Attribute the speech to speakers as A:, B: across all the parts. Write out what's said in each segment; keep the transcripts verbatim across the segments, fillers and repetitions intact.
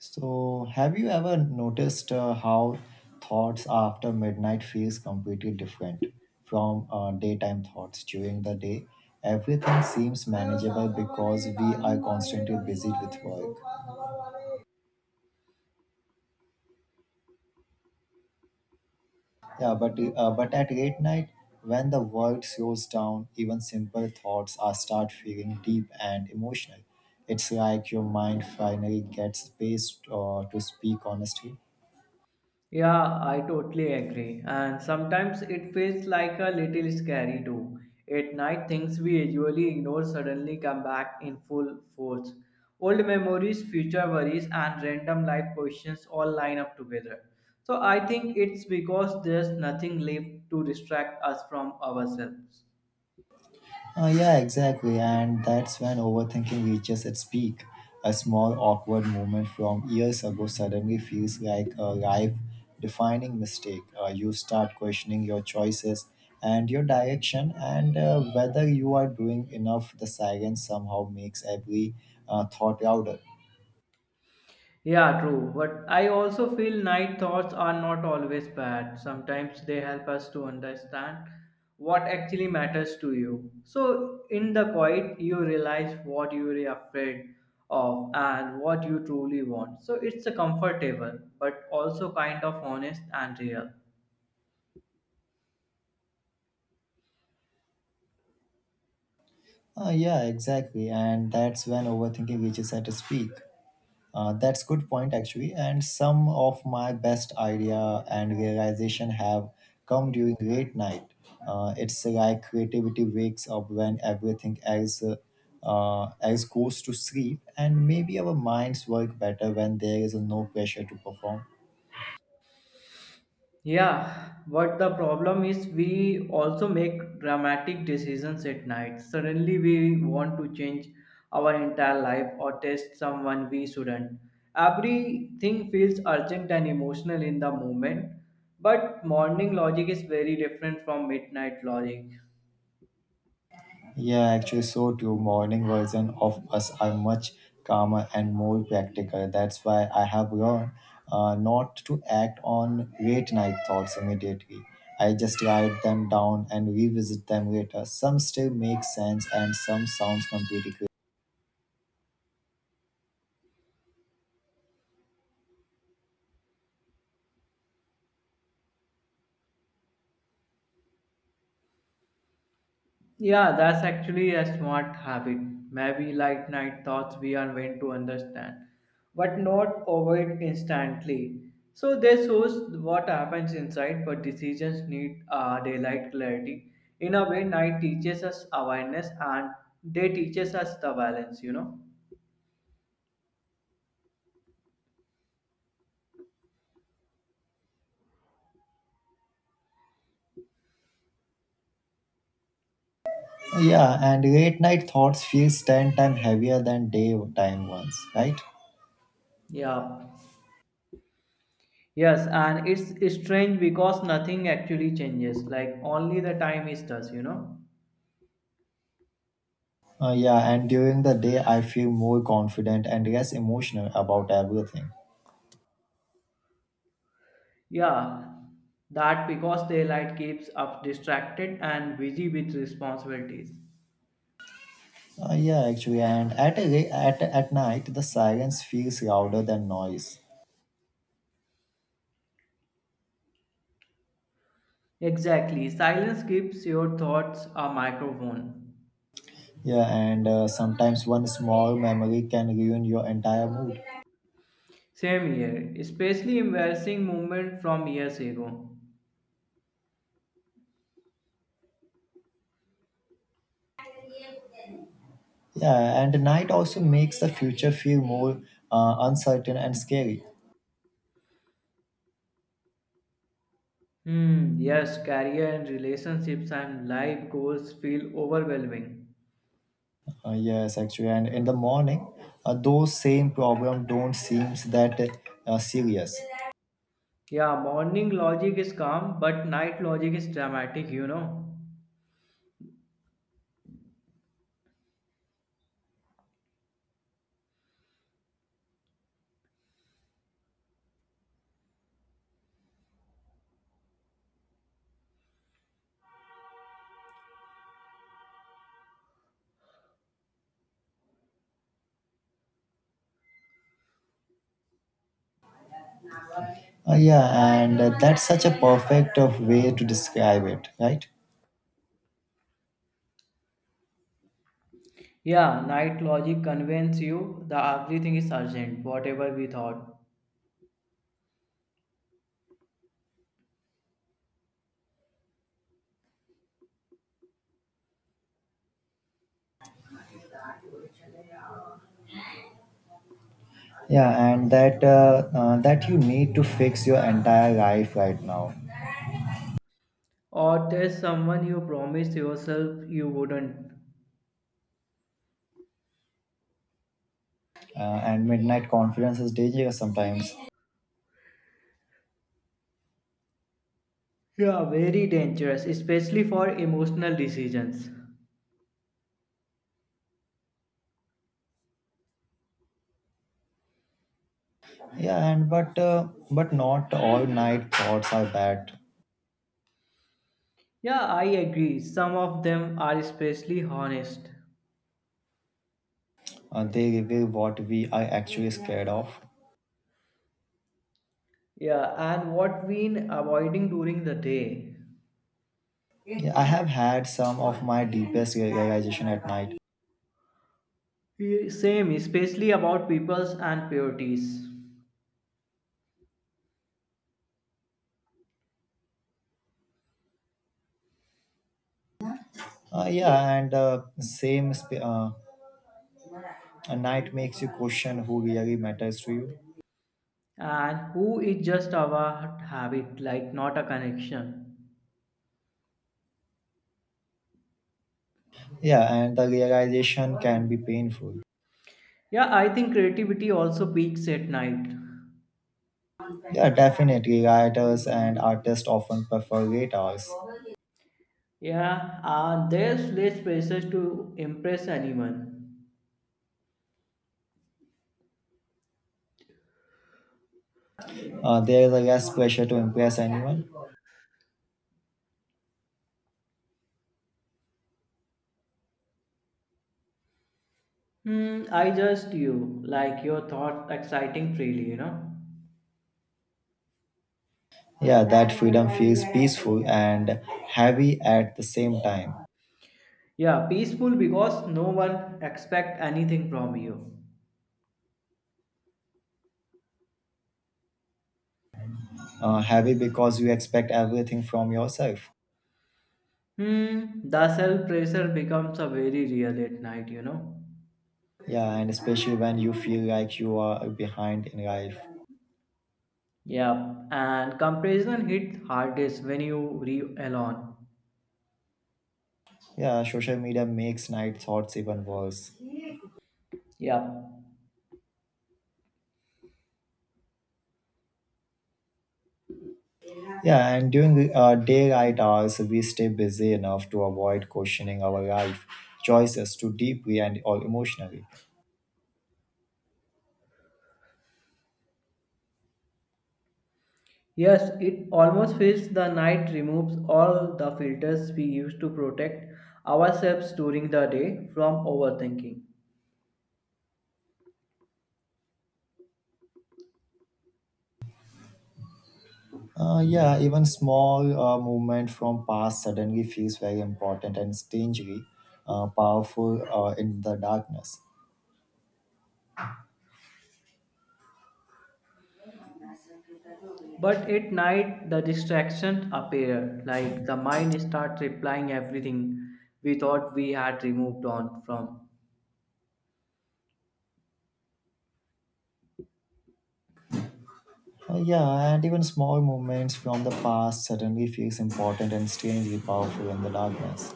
A: So, have you ever noticed uh, how thoughts after midnight feels completely different from uh, daytime thoughts during the day? Everything seems manageable because we are constantly busy with work. Yeah, but uh, but at late night, when the world slows down, even simple thoughts are start feeling deep and emotional. It's like your mind finally gets space uh, to speak honestly.
B: Yeah, I totally agree. And sometimes it feels like a little scary too. At night, things we usually ignore suddenly come back in full force. Old memories, future worries, and random life questions all line up together. So I think it's because there's nothing left to distract us from ourselves.
A: Uh, yeah, exactly. And that's when overthinking reaches its peak. A small awkward moment from years ago suddenly feels like a life defining mistake. Uh, you start questioning your choices and your direction, and uh, whether you are doing enough, the silence somehow makes every uh, thought louder.
B: Yeah, true. But I also feel night thoughts are not always bad. Sometimes they help us to understand what actually matters to you. So, in the quiet, you realize what you are afraid of and what you truly want. So, it's a comfortable but also kind of honest and real.
A: Uh, yeah, exactly. And that's when overthinking reaches at its peak. Uh, that's good point actually, and some of my best idea and realization have come during late night. Uh, it's like creativity wakes up when everything else uh, uh, else goes to sleep, and maybe our minds work better when there is no pressure to perform.
B: Yeah, but the problem is we also make dramatic decisions at night. Suddenly we want to change our entire life or test someone we shouldn't. Everything feels urgent and emotional in the moment, but morning logic is very different from midnight logic.
A: Yeah, actually, so too. Morning version of us are much calmer and more practical. That's why I have learned uh, not to act on late night thoughts immediately. I just write them down and revisit them later. Some still make sense and some sounds completely crazy.
B: Yeah, that's actually a smart habit. Maybe late night thoughts we are meant to understand, but not avoid instantly. So this shows what happens inside, but decisions need uh, daylight clarity. In a way, night teaches us awareness and day teaches us the balance, you know.
A: Yeah, and late night thoughts feels ten times heavier than daytime ones, right?
B: Yeah. Yes, and it's strange because nothing actually changes. Like only the time is does, you know.
A: Uh, yeah, and during the day I feel more confident and less emotional about everything.
B: Yeah, that because daylight keeps us distracted and busy with responsibilities.
A: Uh, yeah, actually, and at, a- at at night the silence feels louder than noise.
B: Exactly, silence gives your thoughts a microphone.
A: Yeah, and uh, sometimes one small memory can ruin your entire mood.
B: Same here, especially embarrassing moment from years ago.
A: Yeah, and night also makes the future feel more uh, uncertain and scary.
B: Hmm, yes, career and relationships and life goals feel overwhelming.
A: Uh, yes, actually, and in the morning, uh, those same problem don't seems that uh, serious.
B: Yeah, morning logic is calm, but night logic is dramatic, you know.
A: Uh, yeah, and uh, that's such a perfect uh, way to describe it, right?
B: Yeah, night logic convinces you that everything is urgent, whatever we thought.
A: Yeah, and that uh, uh, that you need to fix your entire life right now.
B: Or there's someone you promised yourself you wouldn't.
A: Uh, and midnight confidence is dangerous sometimes.
B: Yeah, very dangerous, especially for emotional decisions.
A: Yeah, and but uh, but not all night thoughts are bad.
B: Yeah, I agree. Some of them are especially honest.
A: Uh, they reveal what we are actually scared of.
B: Yeah, and what we been avoiding during the day.
A: Yeah, I have had some of my deepest rea- realization at night.
B: Yeah, same, especially about peoples and purities.
A: Uh, yeah, and uh, same sp- uh, a night makes you question who really matters to you.
B: And who is just about habit, like not a connection.
A: Yeah, and the realization can be painful.
B: Yeah, I think creativity also peaks at night.
A: Yeah, definitely. Writers and artists often prefer late hours.
B: Yeah, uh, there's less pressure to impress anyone.
A: Uh, there is a less pressure to impress anyone.
B: Hmm, I just you, like your thoughts exciting freely, you know.
A: Yeah, that freedom feels peaceful and heavy at the same time.
B: Yeah, peaceful because no one expect anything from you.
A: Uh, heavy because you expect everything from yourself.
B: Hmm, the self pressure becomes a very real at night, you know.
A: Yeah, and especially when you feel like you are behind in life.
B: Yeah, and comparison hit hardest when you re alone.
A: Yeah, social media makes night thoughts even worse.
B: Yeah.
A: Yeah, and during uh, daylight hours, we stay busy enough to avoid questioning our life choices too deeply and or emotionally.
B: Yes, it almost feels the night removes all the filters we use to protect ourselves during the day from overthinking.
A: Uh, yeah, even small uh, movement from past suddenly feels very important and strangely uh, powerful uh, in the darkness.
B: But at night, the distractions appear, like the mind starts replying everything we thought we had removed on from.
A: Uh, yeah, and even small movements from the past suddenly feels important and strangely powerful in the darkness.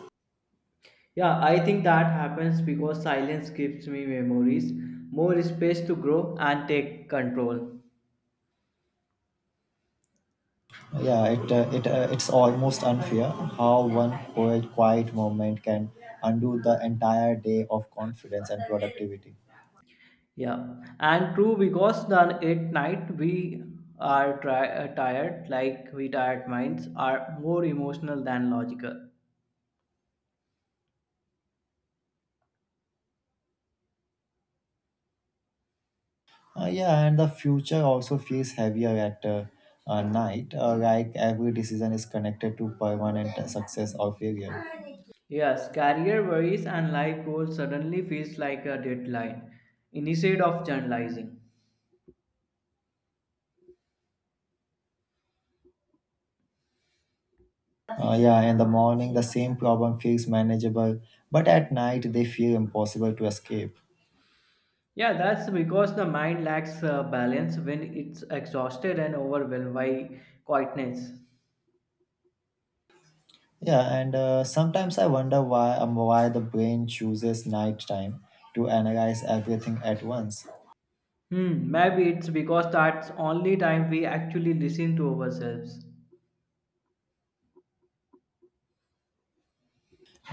B: Yeah, I think that happens because silence gives me memories, more space to grow and take control.
A: Yeah, it uh, it uh, it's almost unfair how one quiet, quiet moment can undo the entire day of confidence and productivity.
B: Yeah, and true because then at night we are tri- uh, tired, like we tired minds are more emotional than logical.
A: Uh, yeah, and the future also feels heavier at uh, uh, night, uh, like every decision is connected to permanent success or failure.
B: Yes, career worries and life goals suddenly feels like a deadline instead of generalizing.
A: Uh, yeah, in the morning, the same problem feels manageable, but at night, they feel impossible to escape.
B: Yeah, that's because the mind lacks uh, balance when it's exhausted and overwhelmed by quietness.
A: Yeah, and uh, sometimes I wonder why um, why the brain chooses night time to analyze everything at once.
B: Hmm, maybe it's because that's only time we actually listen to ourselves.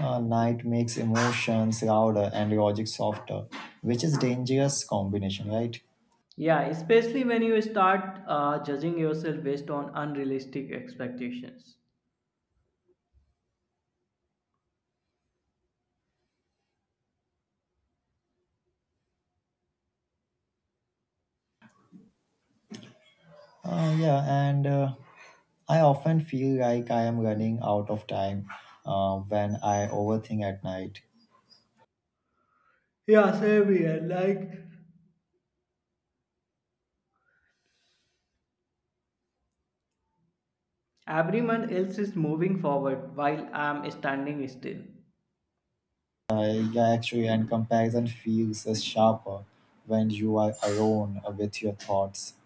A: Uh, night makes emotions louder and logic softer, which is dangerous combination, right?
B: Yeah, especially when you start uh, judging yourself based on unrealistic expectations.
A: Uh, yeah, and uh, I often feel like I am running out of time uh, when I overthink at night.
B: Yeah, same here. Like, everyone else is moving forward while I'm standing still.
A: I, yeah, actually, and comparison feels uh, sharper when you are alone uh, with your thoughts.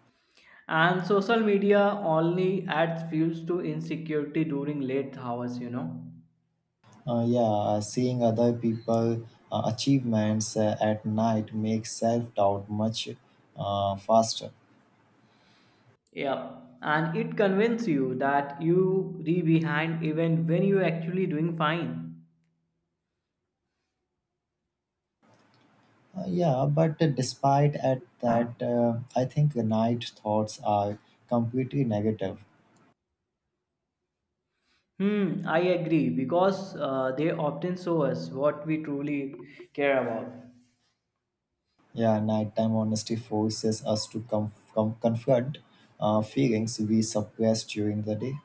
B: And social media only adds fuels to insecurity during late hours, you know.
A: Uh, yeah, uh, seeing other people uh, achievements uh, at night makes self doubt much uh, faster.
B: Yeah. And it convinces you that you re behind even when you actually doing fine.
A: Uh, yeah, but uh, despite at that, uh, I think the night thoughts are completely negative.
B: Hmm, I agree because uh, they often show us what we truly care about.
A: Yeah, nighttime honesty forces us to com- com- confront uh, feelings we suppress during the day.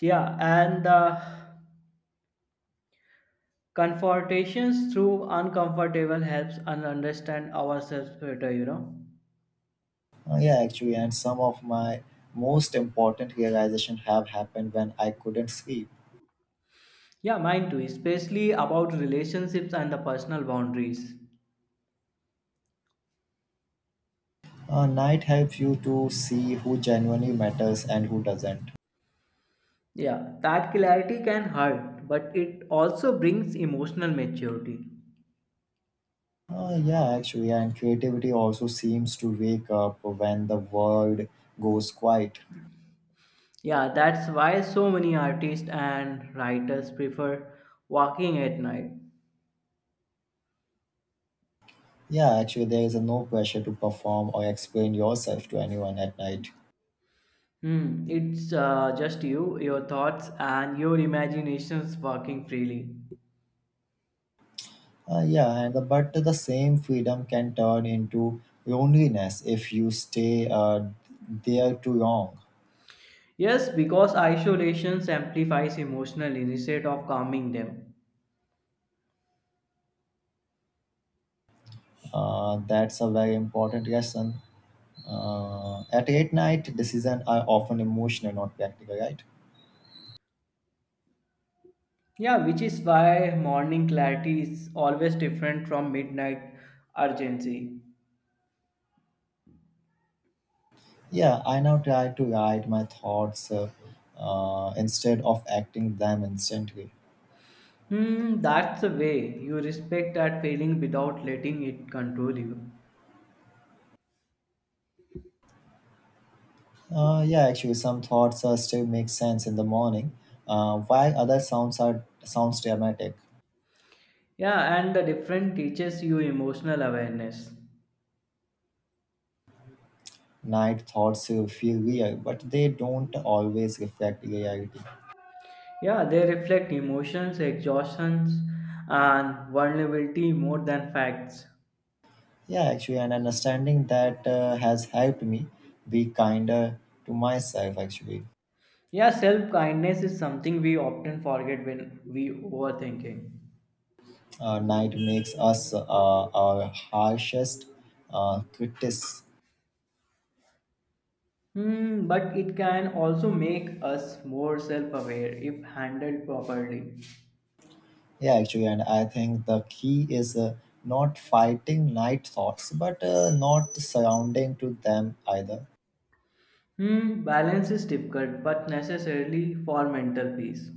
B: Yeah, and the confrontations through uncomfortable helps and understand ourselves better, you know.
A: Uh, yeah, actually, and some of my most important realization have happened when I couldn't sleep.
B: Yeah, mine too, especially about relationships and the personal boundaries.
A: Uh, night helps you to see who genuinely matters and who doesn't.
B: Yeah, that clarity can hurt, but it also brings emotional maturity.
A: Uh, yeah, actually, and creativity also seems to wake up when the world goes quiet.
B: Yeah, that's why so many artists and writers prefer walking at night.
A: Yeah, actually, there is a no pressure to perform or explain yourself to anyone at night.
B: Hmm, it's uh, just you, your thoughts, and your imaginations working freely.
A: Uh, yeah, and but the same freedom can turn into loneliness if you stay uh, there too long.
B: Yes, because isolation amplifies emotional instead of calming them.
A: Uh, that's a very important lesson. Uh, at late night, decisions are often emotional, not practical, right?
B: Yeah, which is why morning clarity is always different from midnight urgency.
A: Yeah, I now try to write my thoughts uh, uh, instead of acting them instantly.
B: Hmm, that's the way you respect that feeling without letting it control you.
A: Uh, yeah, actually, some thoughts uh, still make sense in the morning, uh, while other sounds are sounds dramatic.
B: Yeah, and the different teaches you emotional awareness.
A: Night thoughts uh, feel real, but they don't always reflect reality.
B: Yeah, they reflect emotions, exhaustions, and vulnerability more than facts.
A: Yeah, actually, and understanding that uh, has helped me be kinder to myself, actually.
B: Yeah, self kindness is something we often forget when we overthinking.
A: Uh, night makes us uh, our harshest uh, critics.
B: Hmm, but it can also make us more self aware if handled properly.
A: Yeah, actually, and I think the key is uh, not fighting night thoughts, but uh, not surrounding to them either.
B: Hmm, balance is difficult but necessarily for mental peace.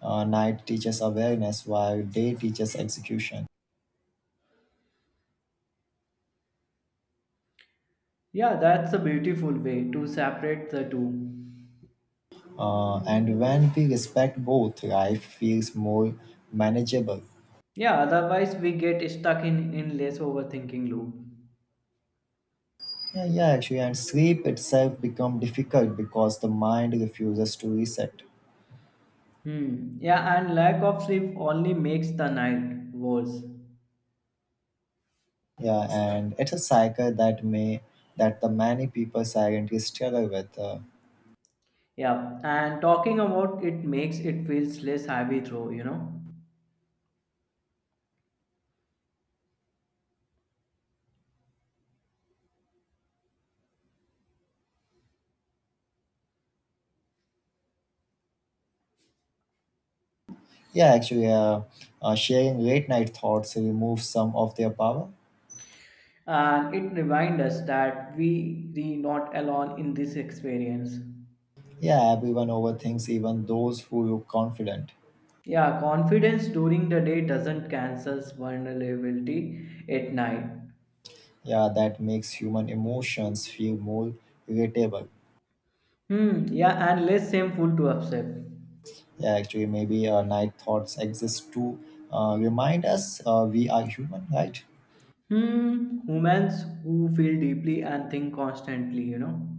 A: Uh, night teaches awareness, while day teaches execution.
B: Yeah, that's a beautiful way to separate the two.
A: Uh, and when we respect both, life feels more manageable.
B: Yeah, otherwise we get stuck in in less overthinking loop.
A: Yeah, yeah, actually, and sleep itself become difficult because the mind refuses to reset.
B: Hmm. Yeah, and lack of sleep only makes the night worse.
A: Yeah, and it's a cycle that may that the many people silently struggle with. Uh,
B: Yeah, and talking about it makes it feels less heavy though, you know.
A: yeah, actually, uh, uh, sharing late night thoughts removes some of their power.
B: And it reminds us that we are not alone in this experience.
A: Yeah, everyone overthinks, even those who look confident.
B: Yeah, confidence during the day doesn't cancel vulnerability at night.
A: Yeah, that makes human emotions feel more irritable.
B: Hmm, yeah, and less shameful to accept.
A: Yeah, actually, maybe uh, night thoughts exist to uh, remind us uh, we are human, right?
B: Hmm, humans who feel deeply and think constantly, you know.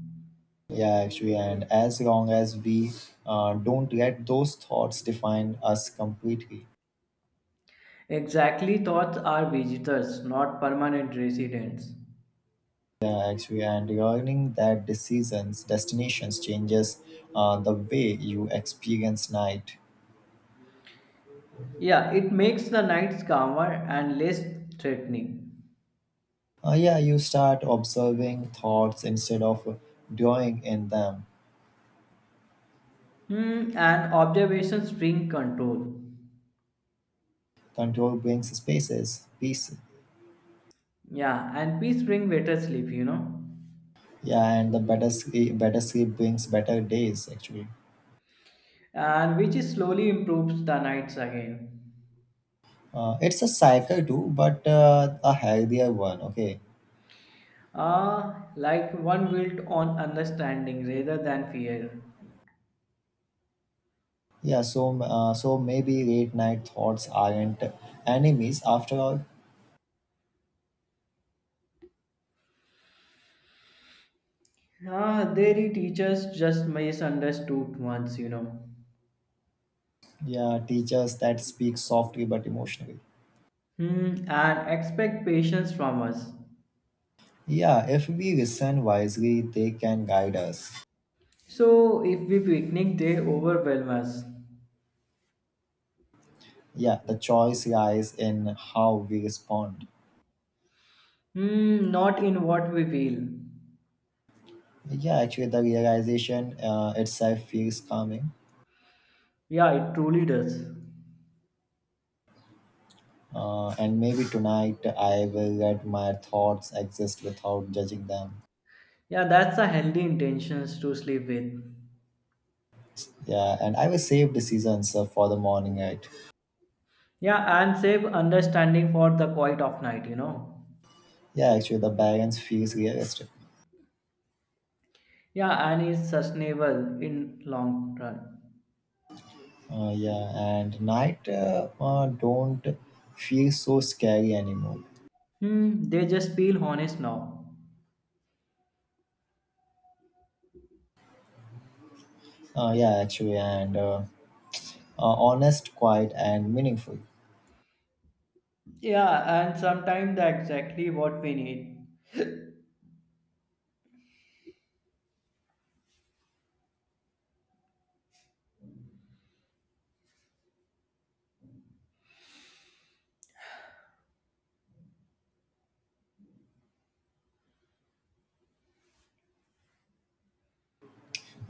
A: Yeah, actually, and as long as we uh, don't let those thoughts define us completely.
B: Exactly, thoughts are visitors, not permanent residents.
A: Yeah, actually, and learning that decisions, destinations changes uh, the way you experience night.
B: Yeah, it makes the nights calmer and less threatening.
A: Uh, yeah, you start observing thoughts instead of drawing in them.
B: Hmm, and observations bring control.
A: Control brings spaces, peace.
B: Yeah, and peace bring better sleep, you know,
A: Yeah, and the better sleep, better sleep brings better days, actually.
B: and which is slowly improves the nights again.
A: Uh, it's a cycle too, but uh, a healthier one. Okay,
B: Ah, like one built on understanding rather than fear.
A: yeah. So uh, so maybe late night thoughts aren't enemies after all.
B: Ah, theory teachers just misunderstood once, you know.
A: Yeah, teachers that speak softly but emotionally.
B: Hmm, and expect patience from us.
A: Yeah, if we listen wisely, they can guide us.
B: So if we picnic, they overwhelm us.
A: Yeah, the choice lies in how we respond.
B: Hmm, not in what we feel.
A: Yeah, actually, the realization uh, itself feels calming.
B: Yeah, it truly does.
A: Uh, and maybe tonight I will let my thoughts exist without judging them.
B: Yeah, that's a healthy intentions to sleep with.
A: Yeah, and I will save decisions uh, for the morning, right?
B: Yeah, and save understanding for the quiet of night, you know.
A: Yeah, actually, the balance feels realistic.
B: Yeah, and is sustainable in long run.
A: Uh, yeah, and night uh, uh, don't feel so scary anymore.
B: Hmm, they just feel honest now.
A: Uh, yeah, actually, and uh, uh, honest, quiet, and meaningful.
B: Yeah, and sometimes that's exactly what we need.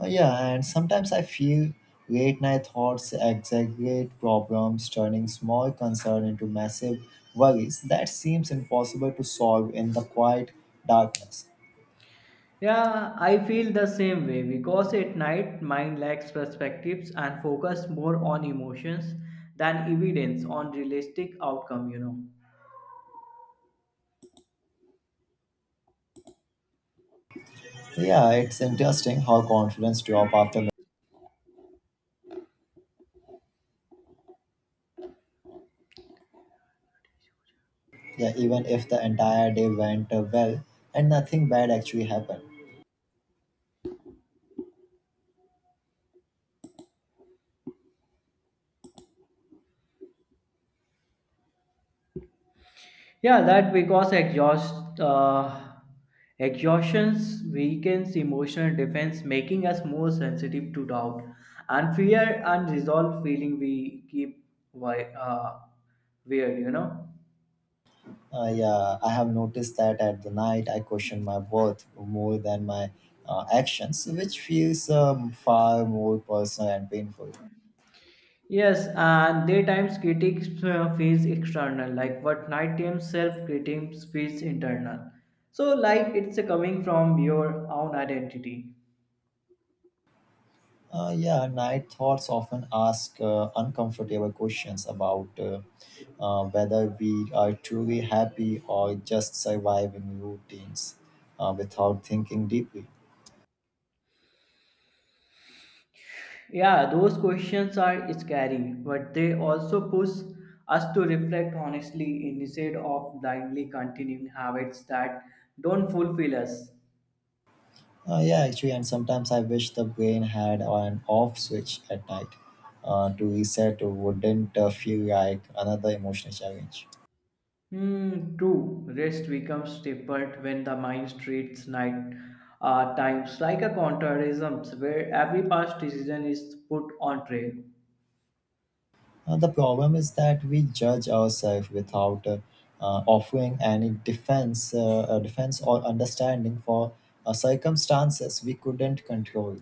A: Uh, yeah, and sometimes I feel late night thoughts exaggerate problems, turning small concern into massive worries that seems impossible to solve in the quiet darkness.
B: Yeah, I feel the same way because at night mind lacks perspectives and focus more on emotions than evidence on realistic outcome, you know.
A: Yeah, it's interesting how confidence drop after yeah even if the entire day went uh, well and nothing bad actually happened.
B: Yeah, that because exhaust uh, exhaustions weakens emotional defense, making us more sensitive to doubt and fear unresolved feeling we keep wi- uh, weird, you know.
A: Uh, yeah, I have noticed that at the night I question my worth more than my uh, actions which feels um, far more personal and painful.
B: Yes, and daytimes critics uh, feels external, like what nighttime self critics feels internal. So, like it's coming from your own identity.
A: Uh, yeah, night thoughts often ask uh, uncomfortable questions about uh, uh, whether we are truly happy or just surviving routines uh, without thinking deeply.
B: Yeah, those questions are scary, but they also push us to reflect honestly instead of blindly continuing habits that don't fulfill us.
A: Uh, yeah, actually, and sometimes I wish the brain had an off switch at night. Uh, to reset wouldn't uh, feel like another emotional challenge.
B: Hmm, true. Rest becomes different when the mind treats night uh, times like a contrarism where every past decision is put on trail.
A: Uh, the problem is that we judge ourselves without uh, uh, offering any defense, uh, uh, defense or understanding for uh, circumstances we couldn't control.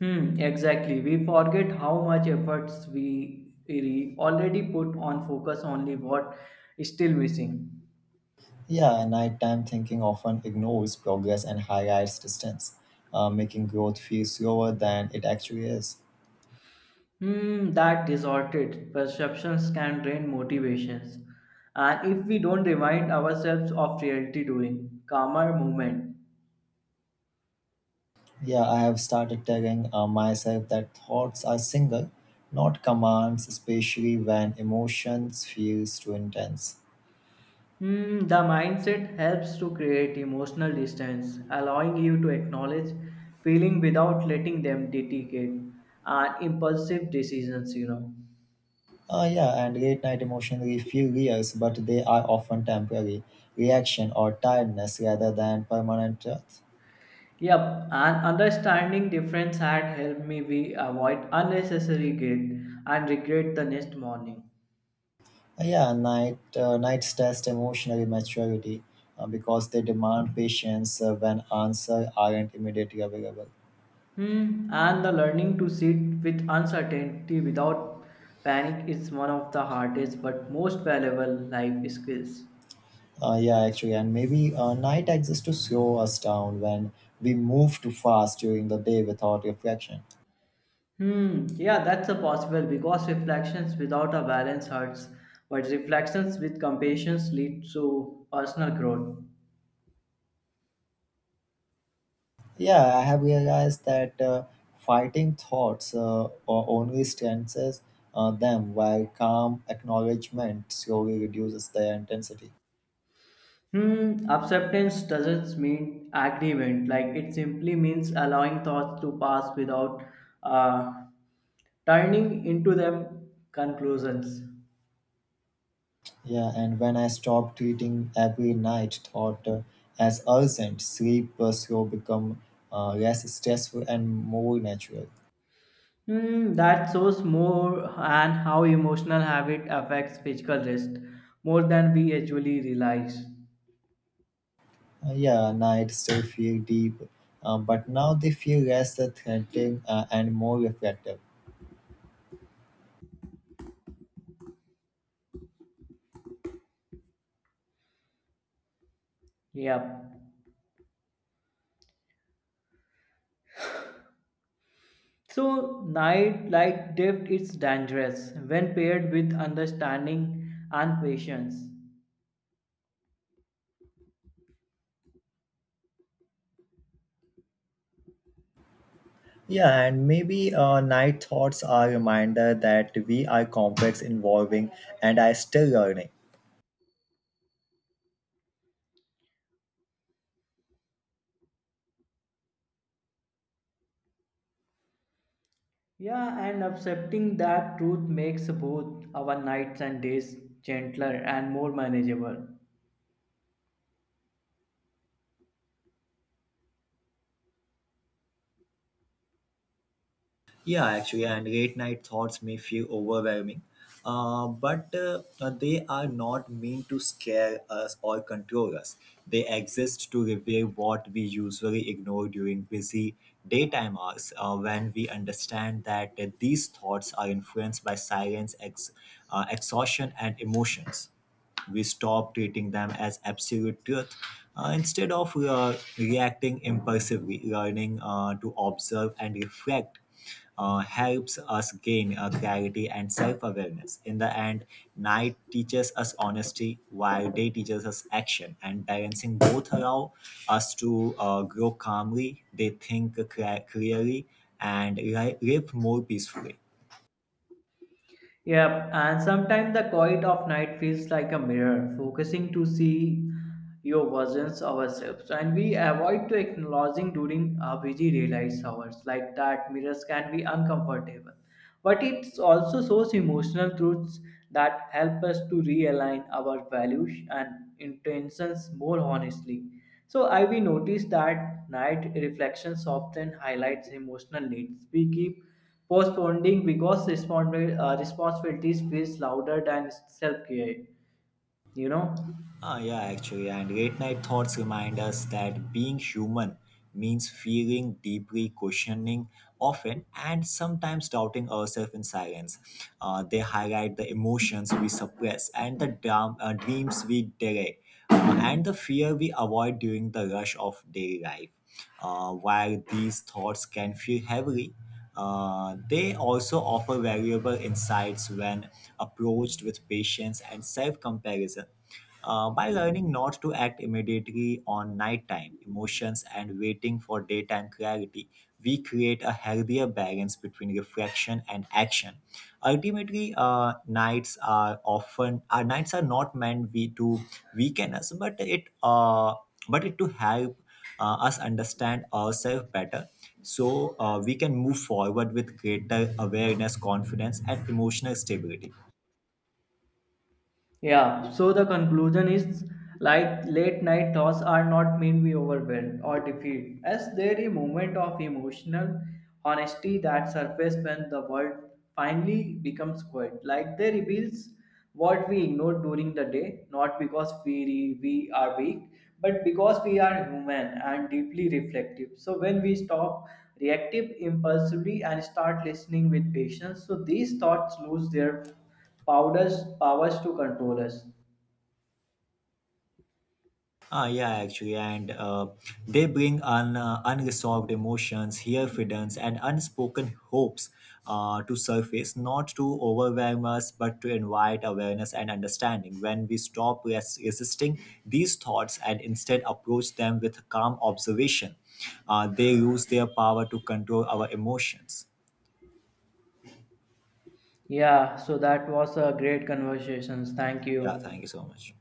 B: Hmm, exactly. We forget how much efforts we already put on focus only what is still missing.
A: Yeah, nighttime thinking often ignores progress and highlights distance, uh, making growth feel slower than it actually is.
B: Hmm, that distorted perceptions can drain motivations. And if we don't remind ourselves of reality during calmer movement,
A: Yeah, I have started telling uh, myself that thoughts are single, not commands, especially when emotions feels too intense.
B: hmm, the mindset helps to create emotional distance, allowing you to acknowledge feeling without letting them dictate and impulsive decisions, you know.
A: Uh, yeah, and late night emotions really feel real, but they are often temporary reaction or tiredness rather than permanent truth.
B: Yep, and understanding difference had helped me we avoid unnecessary guilt and regret the next morning.
A: Uh, yeah, night uh, nights test emotional maturity uh, because they demand patience uh, when answers aren't immediately available.
B: Hmm, and the learning to sit with uncertainty without panic is one of the hardest but most valuable life skills.
A: Uh, yeah, actually, and maybe uh, night exists to slow us down when we move too fast during the day without reflection.
B: Hmm, yeah, that's a possible because reflections without a balance hurts, but reflections with compassion lead to personal growth.
A: Yeah, I have realized that uh, fighting thoughts uh, or only strengthens uh, them, while calm acknowledgement slowly reduces their intensity.
B: Hmm, acceptance doesn't mean agreement, like it simply means allowing thoughts to pass without uh, turning into them conclusions.
A: Yeah, and when I stop treating every night thought uh, as urgent, sleep uh, slow become uh, less stressful and more natural.
B: Hmm, that shows more and how emotional habit affects physical rest more than we actually realize.
A: Uh, yeah, night still feel deep, uh, but now they feel less threatening uh, and more reflective.
B: Yep. So night light drift is dangerous when paired with understanding and patience.
A: Yeah, and maybe uh, night thoughts are a reminder that we are complex, evolving, and are still learning.
B: Yeah, and accepting that truth makes both our nights and days gentler and more manageable.
A: Yeah, actually, and late night thoughts may feel overwhelming, uh, but uh, uh, they are not meant to scare us or control us. They exist to reveal what we usually ignore during busy daytime hours uh, when we understand that uh, these thoughts are influenced by silence, ex- uh, exhaustion, and emotions we stop treating them as absolute truth uh, instead of uh, reacting impulsively learning uh, to observe and reflect uh, helps us gain uh, clarity and self awareness. In the end, night teaches us honesty while day teaches us action, and balancing both allow us to uh, grow calmly, they think cla- clearly, and li- live more peacefully.
B: Yep, and sometimes the quiet of night feels like a mirror, focusing to see your versions of ourselves. And we avoid to acknowledging during our busy daylight hours like that mirrors can be uncomfortable. But it also shows emotional truths that help us to realign our values and intentions more honestly. So I we noticed that night reflections often highlights emotional needs. We keep postponing because respons- uh, responsibilities feels louder than self-care. You know,
A: Ah, yeah, actually, and late night thoughts remind us that being human means feeling, deeply questioning often, and sometimes doubting ourselves in silence. Uh, they highlight the emotions we suppress and the dram- uh, dreams we delay, uh, and the fear we avoid during the rush of daily life. Uh, while these thoughts can feel heavily, uh, they also offer valuable insights when approached with patience and self comparison uh, by learning not to act immediately on nighttime emotions and waiting for daytime clarity, we create a healthier balance between reflection and action. Ultimately, uh, nights are often our nights are not meant we to weaken us, but it uh, but it to help uh, us understand ourselves better. So uh, we can move forward with greater awareness, confidence, and emotional stability.
B: yeah, so the conclusion is like late night thoughts are not mean we overwhelmed or defeat, as there is a moment of emotional honesty that surfaces when the world finally becomes quiet. Like they reveals what we ignored during the day, not because we we are weak, but because we are human and deeply reflective. So when we stop reactive impulsively and start listening with patience, so these thoughts lose their Powers, powers to control us.
A: Ah, yeah, actually, and uh, they bring un, uh, unresolved emotions, fear, feelings, and unspoken hopes uh, to surface, not to overwhelm us, but to invite awareness and understanding. When we stop res- resisting these thoughts and instead approach them with calm observation, uh, they lose their power to control our emotions.
B: Yeah, so that was a great conversation. Thank
A: Yeah,
B: you.
A: thank you so much.